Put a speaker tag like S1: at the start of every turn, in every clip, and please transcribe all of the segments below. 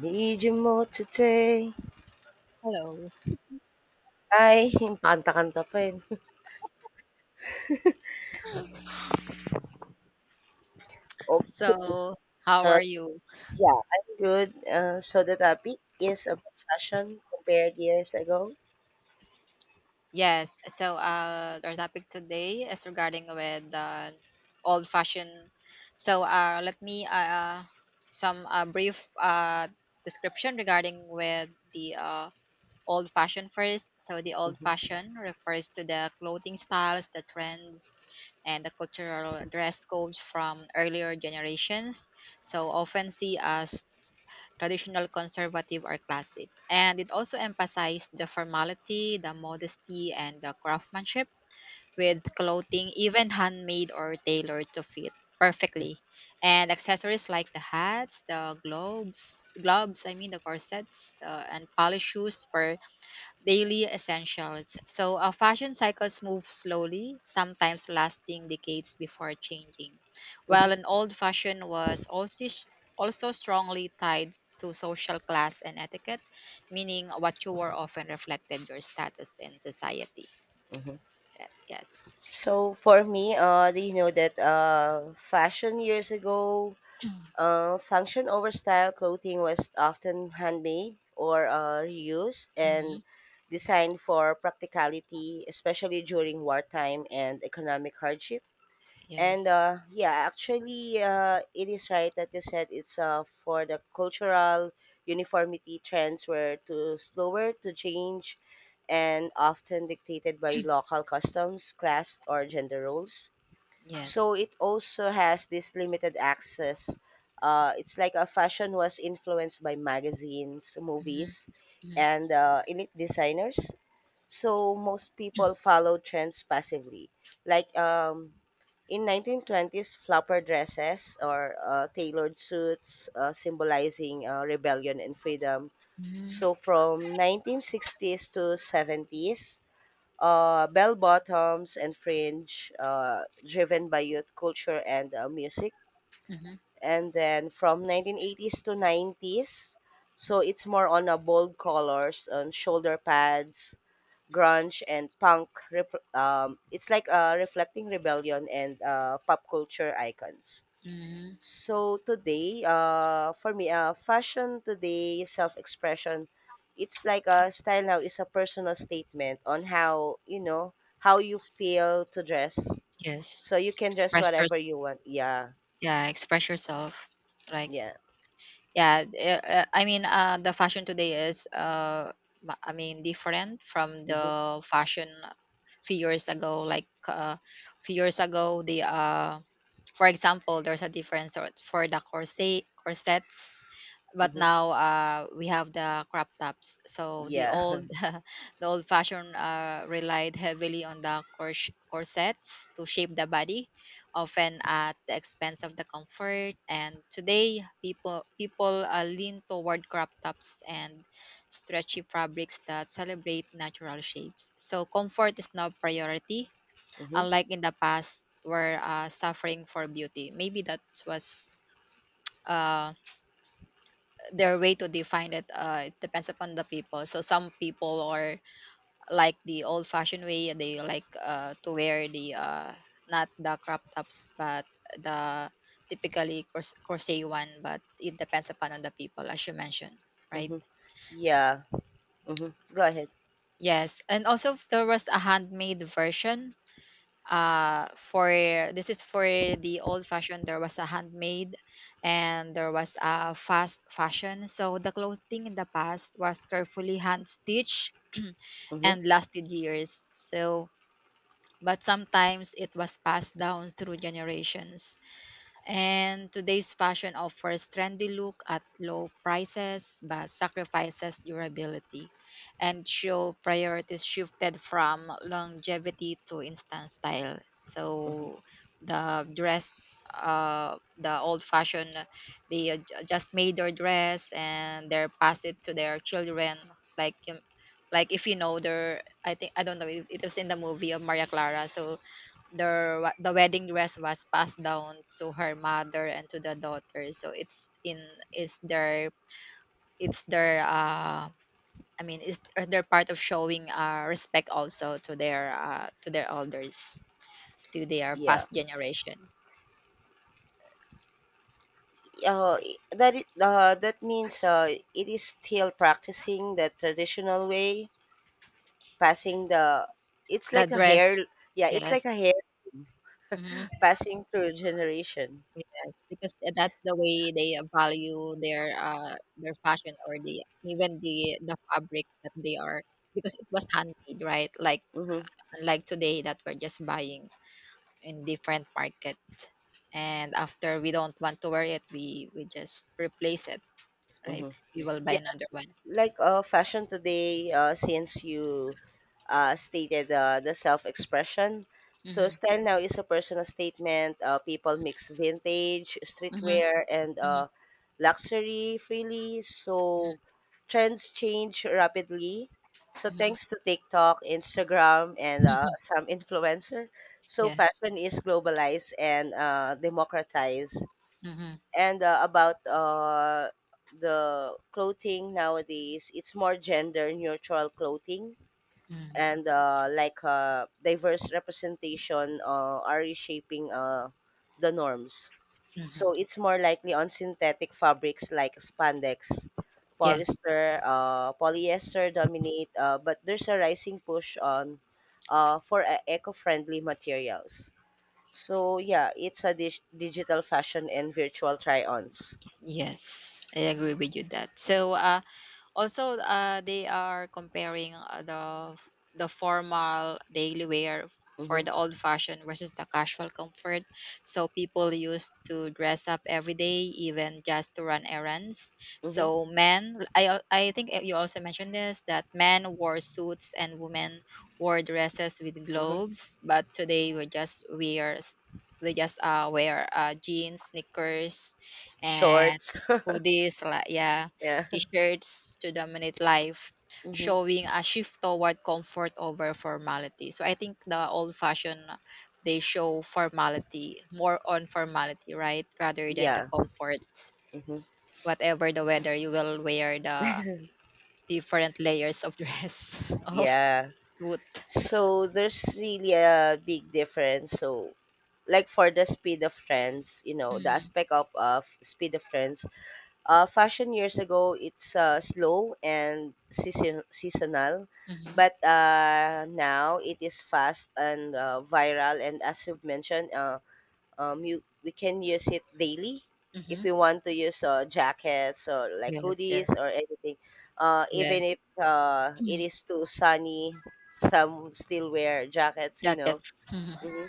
S1: Need you more today.
S2: Hello.
S1: Ay, yung kanta-kanta pa eh. Okay,
S2: So, how
S1: so
S2: are you?
S1: yeah, I'm good. So the topic is about fashion compared years ago.
S2: Yes. So, our topic today is regarding with old fashioned. So, let me some brief description regarding with the old fashioned first. So, the old
S1: Mhm,
S2: fashioned refers to the clothing styles, the trends, and the cultural dress codes from earlier generations. So, often see as traditional, conservative, or classic. And it also emphasized the formality, the modesty, and the craftsmanship with clothing, even handmade or tailored to fit perfectly. And accessories like the hats, the globes, gloves, I mean the corsets, and polished shoes were daily essentials. So, fashion cycles move slowly, sometimes lasting decades before changing.
S1: mhm,
S2: While an old fashion was also strongly tied to social class and etiquette, meaning what you wore often reflected your status in society.
S1: mhm.
S2: So, yes.
S1: So for me, do you know that fashion years ago, function over style clothing was often handmade or reused and
S2: Hmm.
S1: designed for practicality, especially during wartime and economic hardship. And
S2: Yes.
S1: yeah, actually, it is right that you said it's for the cultural uniformity trends were to slower to change and often dictated by local customs, class, or gender roles.
S2: Yes.
S1: So it also has this limited access. It's like a fashion was influenced by magazines, movies,
S2: Mm-hmm.
S1: and elite designers. So most people follow trends passively like in 1920s, flapper dresses or tailored suits symbolizing rebellion and freedom.
S2: Mm-hmm.
S1: So from 1960s to 70s, bell bottoms and fringe driven by youth culture and music. And then from 1980s to 90s, so it's more on a bold colors on shoulder pads, grunge and it's like reflecting rebellion and pop culture icons.
S2: Mm-hmm.
S1: So today, for me, fashion today self-expression, it's like a style now is a personal statement on how how you feel to dress,
S2: Yes.
S1: so you can dress
S2: Express
S1: whatever
S2: yours.
S1: you want. Yeah,
S2: Yeah, express yourself. Like,
S1: yeah,
S2: yeah, I mean, the fashion today is, I mean, different from
S1: mm-hmm,
S2: the fashion few years ago. Like few years ago, the for example, there's a difference sort for the corsets, but
S1: mm-hmm,
S2: now we have the crop tops. So the
S1: yeah.
S2: old the old fashion relied heavily on the corsets to shape the body, often at the expense of the comfort. And today, people lean toward crop tops and stretchy fabrics that celebrate natural shapes. So comfort is now priority,
S1: Mm-hmm,
S2: unlike in the past were suffering for beauty. Maybe that was uh, their way to define it. It depends upon the people. So some people are like the old-fashioned way. They like to wear the not the crop tops, but the typically crochet one. But it depends upon on the people, as you mentioned, right?
S1: mm-hmm, yeah, mm-hmm. Go ahead.
S2: Yes, and also there was a handmade version for this is for the old fashion, there was a handmade and there was a fast fashion. So the clothing in the past was carefully hand stitched
S1: Mm-hmm,
S2: and lasted years, so but sometimes it was passed down through generations. And today's fashion offers trendy look at low prices but sacrifices durability, and show priorities shifted from longevity to instant style.
S1: mm-hmm,
S2: So the dress, the old fashioned, they just made their dress and they pass it to their children. Like, um, like if you know their, I think I don't know. It was in the movie of Maria Clara. So the the wedding dress was passed down to her mother and to the daughter, so it's in is their it's their I mean is are their part of showing respect also to their elders, to their
S1: yeah.
S2: past generation.
S1: uh, that means, it is still practicing the traditional way, passing the. It's
S2: That
S1: like a
S2: dress.
S1: hair. Yeah, it's like
S2: Yes.
S1: a hair
S2: Hmm.
S1: passing through generation.
S2: Yes, because that's the way they value their fashion, or the even the fabric that they are, because it was handmade, right? Like,
S1: Mm-hmm,
S2: unlike today that we're just buying in different market, and after we don't want to wear it, we just replace it, right?
S1: mm-hmm.
S2: We will buy
S1: Yeah.
S2: another one.
S1: Like, fashion today, since you stated the self-expression, so
S2: Mm-hmm.
S1: style now is a personal statement, people mix vintage
S2: Mm-hmm.
S1: streetwear and
S2: Mm-hmm.
S1: luxury freely, so trends change rapidly, so
S2: Hmm.
S1: thanks to tiktok instagram and some influencer, so
S2: Yeah.
S1: fashion is globalized and democratized.
S2: Mm-hmm.
S1: And about the clothing nowadays it's more gender neutral clothing
S2: Mm-hmm.
S1: and diverse representation are reshaping the norms.
S2: Hmm.
S1: So it's more likely on synthetic fabrics like spandex
S2: Yes.
S1: polyester, polyester dominate, but there's a rising push on, for eco-friendly materials. So yeah, it's a digital fashion and virtual try-ons.
S2: Yes, I agree with you that. So also, they are comparing the formal daily wear for
S1: Mhm.
S2: the old fashioned versus the casual comfort. So people used to dress up every day, even just to run errands.
S1: Mhm.
S2: So men, I think you also mentioned this that men wore suits and women wore dresses with
S1: Mhm.
S2: globes, but today we just wear jeans, sneakers, and
S1: Shorts.
S2: hoodies. Like, yeah,
S1: Yeah.
S2: t-shirts to dominate life,
S1: Mhm.
S2: showing a shift toward comfort over formality. So I think the old-fashioned they show formality, more on formality, right, rather than the
S1: Yeah.
S2: comfort.
S1: Mhm.
S2: Whatever the weather, you will wear the different layers of dress of
S1: Yeah.
S2: suit.
S1: So there's really a big difference. So like for the speed of trends, you know, the
S2: Mm.
S1: aspect of speed of trends, fashion years ago, it's slow and seasonal.
S2: Mm-hmm.
S1: But now it is fast and viral. And as you've mentioned, you we can use it daily
S2: Mm-hmm.
S1: if we want to use jackets or like
S2: Yes,
S1: hoodies or
S2: yes,
S1: anything, even if
S2: yes.
S1: it is too sunny, some still wear jackets, you know.
S2: Jackets. Mhm.
S1: Hmm.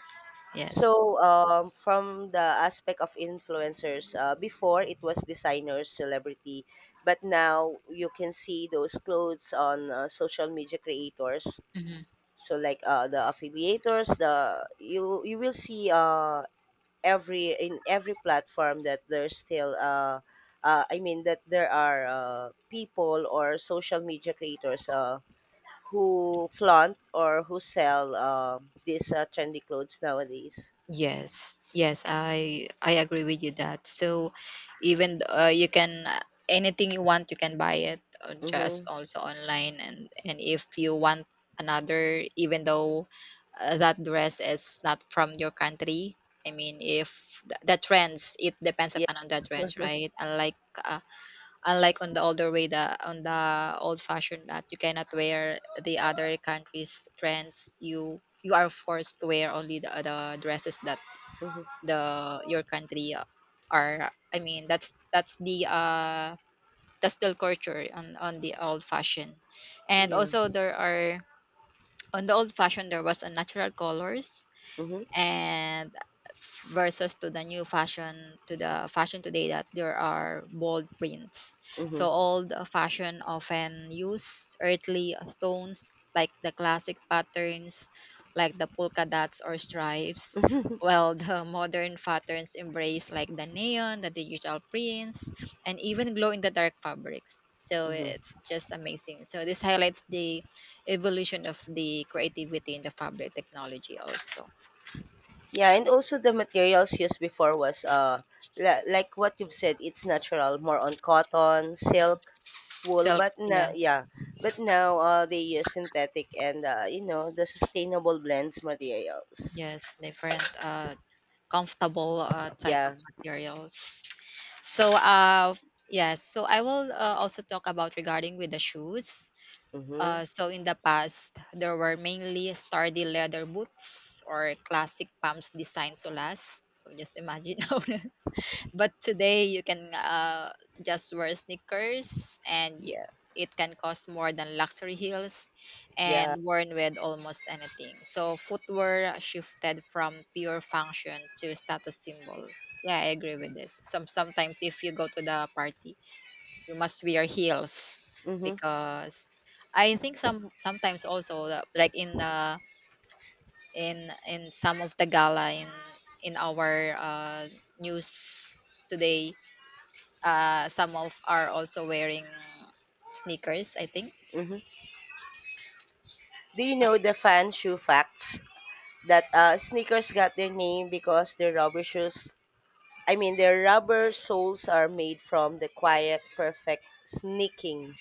S2: Yes.
S1: So from the aspect of influencers, before it was designers celebrity, but now you can see those clothes on social media creators.
S2: Mm-hmm.
S1: So like, the affiliators, the you you will see every in every platform that there's still, that there are people or social media creators who flaunt or who sell, these trendy clothes nowadays.
S2: Yes, yes, I agree with you that. So even you can, anything you want, you can buy it just
S1: Mhm.
S2: also online, and if you want another, even though that dress is not from your country. I mean, if the trends, it depends
S1: Yeah.
S2: upon on the trends, right? Unlike on the older way, the on the old fashioned that you cannot wear the other countries' trends, you are forced to wear only the dresses that
S1: Mhm.
S2: the your country are, I mean that's the that's the culture on the old fashion. And
S1: Yeah.
S2: also there are on the old fashion there was a natural colors,
S1: Mhm.
S2: and versus to the new fashion to the fashion today that there are bold prints. So
S1: Mhm.
S2: old fashion often use earthly tones, like the classic patterns like the polka dots or stripes, while the modern patterns embrace like the neon, the digital prints, and even glow in the dark fabrics. So
S1: Mhm.
S2: it's just amazing. So this highlights the evolution of the creativity in the fabric technology also.
S1: Yeah, and also the materials used before was like what you've said, it's natural, more on cotton, silk, wool,
S2: Silk,
S1: but now
S2: yeah.
S1: yeah, but now they use synthetic and you know the sustainable blends materials.
S2: Yes, different comfortable type of
S1: Yeah.
S2: materials. So yes, so I will also talk about regarding with the shoes.
S1: Mhm.
S2: So in the past there were mainly sturdy leather boots or classic pumps designed to last. So just imagine how. But today you can just wear sneakers and you,
S1: Yeah.
S2: it can cost more than luxury heels and
S1: Yeah.
S2: worn with almost anything. So footwear shifted from pure function to status symbol. Yeah, I agree with this. Sometimes if you go to the party, you must wear heels,
S1: Mhm.
S2: because I think sometimes also like in the in some of the gala in our news today, some of are also wearing sneakers, I think.
S1: Mhm. Do you
S2: Uh,
S1: know the fan shoe facts that sneakers got their name because their rubber shoes I mean their rubber soles are made from the quiet perfect sneaking.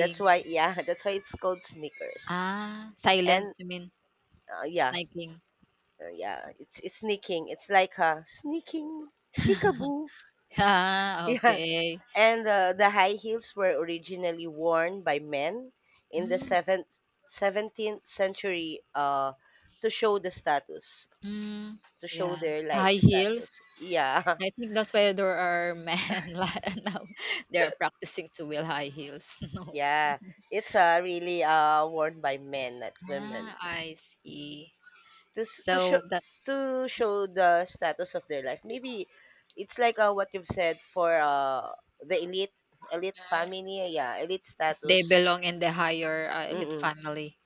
S1: That's why, yeah, that's why it's called sneakers.
S2: Ah, silent,
S1: And
S2: you mean
S1: uh, yeah,
S2: sneaking.
S1: yeah, it's sneaking. It's like a sneaking peekaboo.
S2: Ah,
S1: Yeah,
S2: okay.
S1: and the high heels were originally worn by men in the
S2: Mm,
S1: 17th century, to show the status,
S2: mm,
S1: to show
S2: yeah.
S1: their life
S2: High heels.
S1: status. Yeah,
S2: I think that's why there are men now. They are practicing to wear high heels. No.
S1: yeah, it's really worn by men, not women.
S2: Ah, I see.
S1: To show,
S2: So that
S1: to show the status of their life. Maybe it's like, what you've said, for the elite family, yeah, elite
S2: if they
S1: status.
S2: belong in the higher elite
S1: Mm-mm.
S2: family,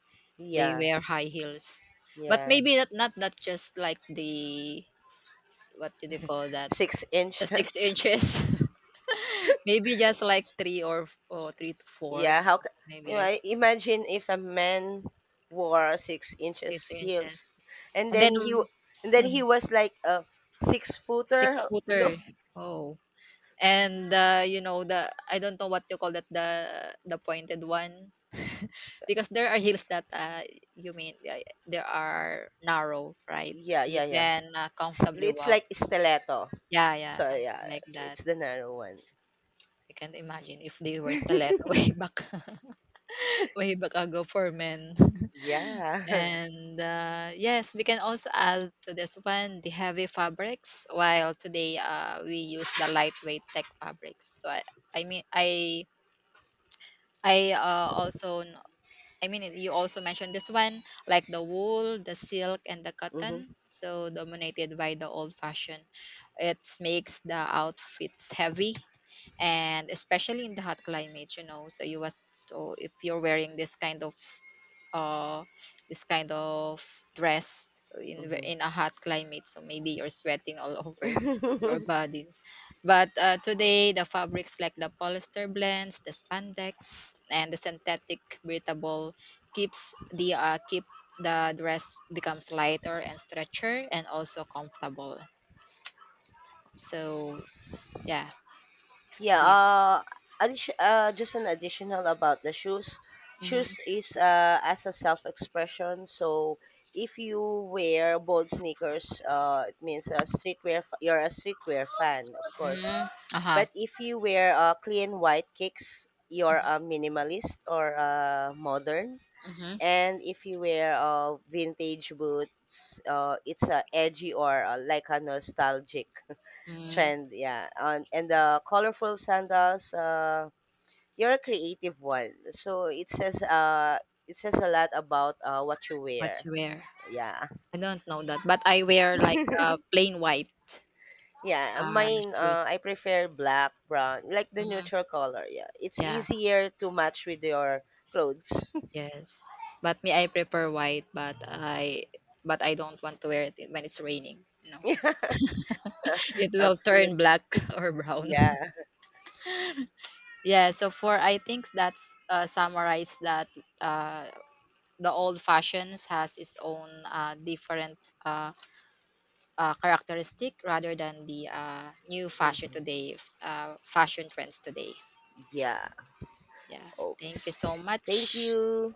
S2: they
S1: Yeah,
S2: wear high heels. But
S1: yeah,
S2: maybe not, not not just like the, what do you call that?
S1: six
S2: The six
S1: inches.
S2: inches. Maybe just like three or, three to four,
S1: Yeah, you know?
S2: maybe
S1: Imagine if a man wore six
S2: six
S1: inches heels,
S2: inches.
S1: and
S2: And then um,
S1: and then he was like a six
S2: six
S1: footer.
S2: footer.
S1: Look,
S2: Oh, and you know the, I don't know what you call that, the pointed one. Because there are hills that, you mean, there are narrow, right?
S1: yeah,
S2: You
S1: yeah, yeah.
S2: can comfortably
S1: It's
S2: walk.
S1: like stiletto.
S2: Yeah, yeah,
S1: So
S2: something
S1: yeah,
S2: like that.
S1: it's the narrow one.
S2: I can't imagine if they were stiletto way back, way back ago for men.
S1: Yeah.
S2: And yes, we can also add to this one the heavy fabrics, while today we use the lightweight tech fabrics. So I mean, I uh, also kn- I mean you also mentioned this one like the wool, the silk, and the
S1: Mhm.
S2: cotton. So dominated by the old fashion, it makes the outfits heavy, and especially in the hot climates. So you was, so if you're wearing uh this kind of dress, so in
S1: Mhm.
S2: in a hot climate, so maybe you're sweating all over your body. But today the fabrics like the polyester blends, the spandex, and the synthetic breathable keeps the keep the dress becomes lighter and stretcher and also comfortable. So yeah,
S1: Yeah,
S2: you,
S1: just an additional about the shoes.
S2: mm-hmm,
S1: Shoes is, as a self expression. So if you wear bold sneakers, it means a streetwear. You're a streetwear fan, of course.
S2: mm-hmm, uh-huh,
S1: But if you wear clean white kicks, you're a minimalist or a modern.
S2: mm-hmm,
S1: And if you wear vintage boots, it's a edgy or like a nostalgic.
S2: mm-hmm.
S1: Trend, yeah, on. And the colorful sandals, you're a creative one, so it says, it says a lot about what you
S2: What
S1: wear.
S2: you wear,
S1: Yeah.
S2: I don't know that, but I wear like plain white
S1: Yeah, mine, I
S2: shoes.
S1: prefer black brown, like the
S2: Mm.
S1: neutral color, yeah, it's
S2: Yeah.
S1: easier to match with your clothes.
S2: Yes. But me, I prefer white, but I don't want to wear it when it's raining. You know,
S1: Yeah,
S2: it will turn
S1: absolutely.
S2: black or brown.
S1: Yeah.
S2: Yeah. So for I think that's summarize that uh, the old fashions has its own different, Uh, characteristic rather than the new fashion
S1: Mm,
S2: today, fashion trends today.
S1: yeah.
S2: Yeah. Thank you so
S1: Oops, thank
S2: much.
S1: you.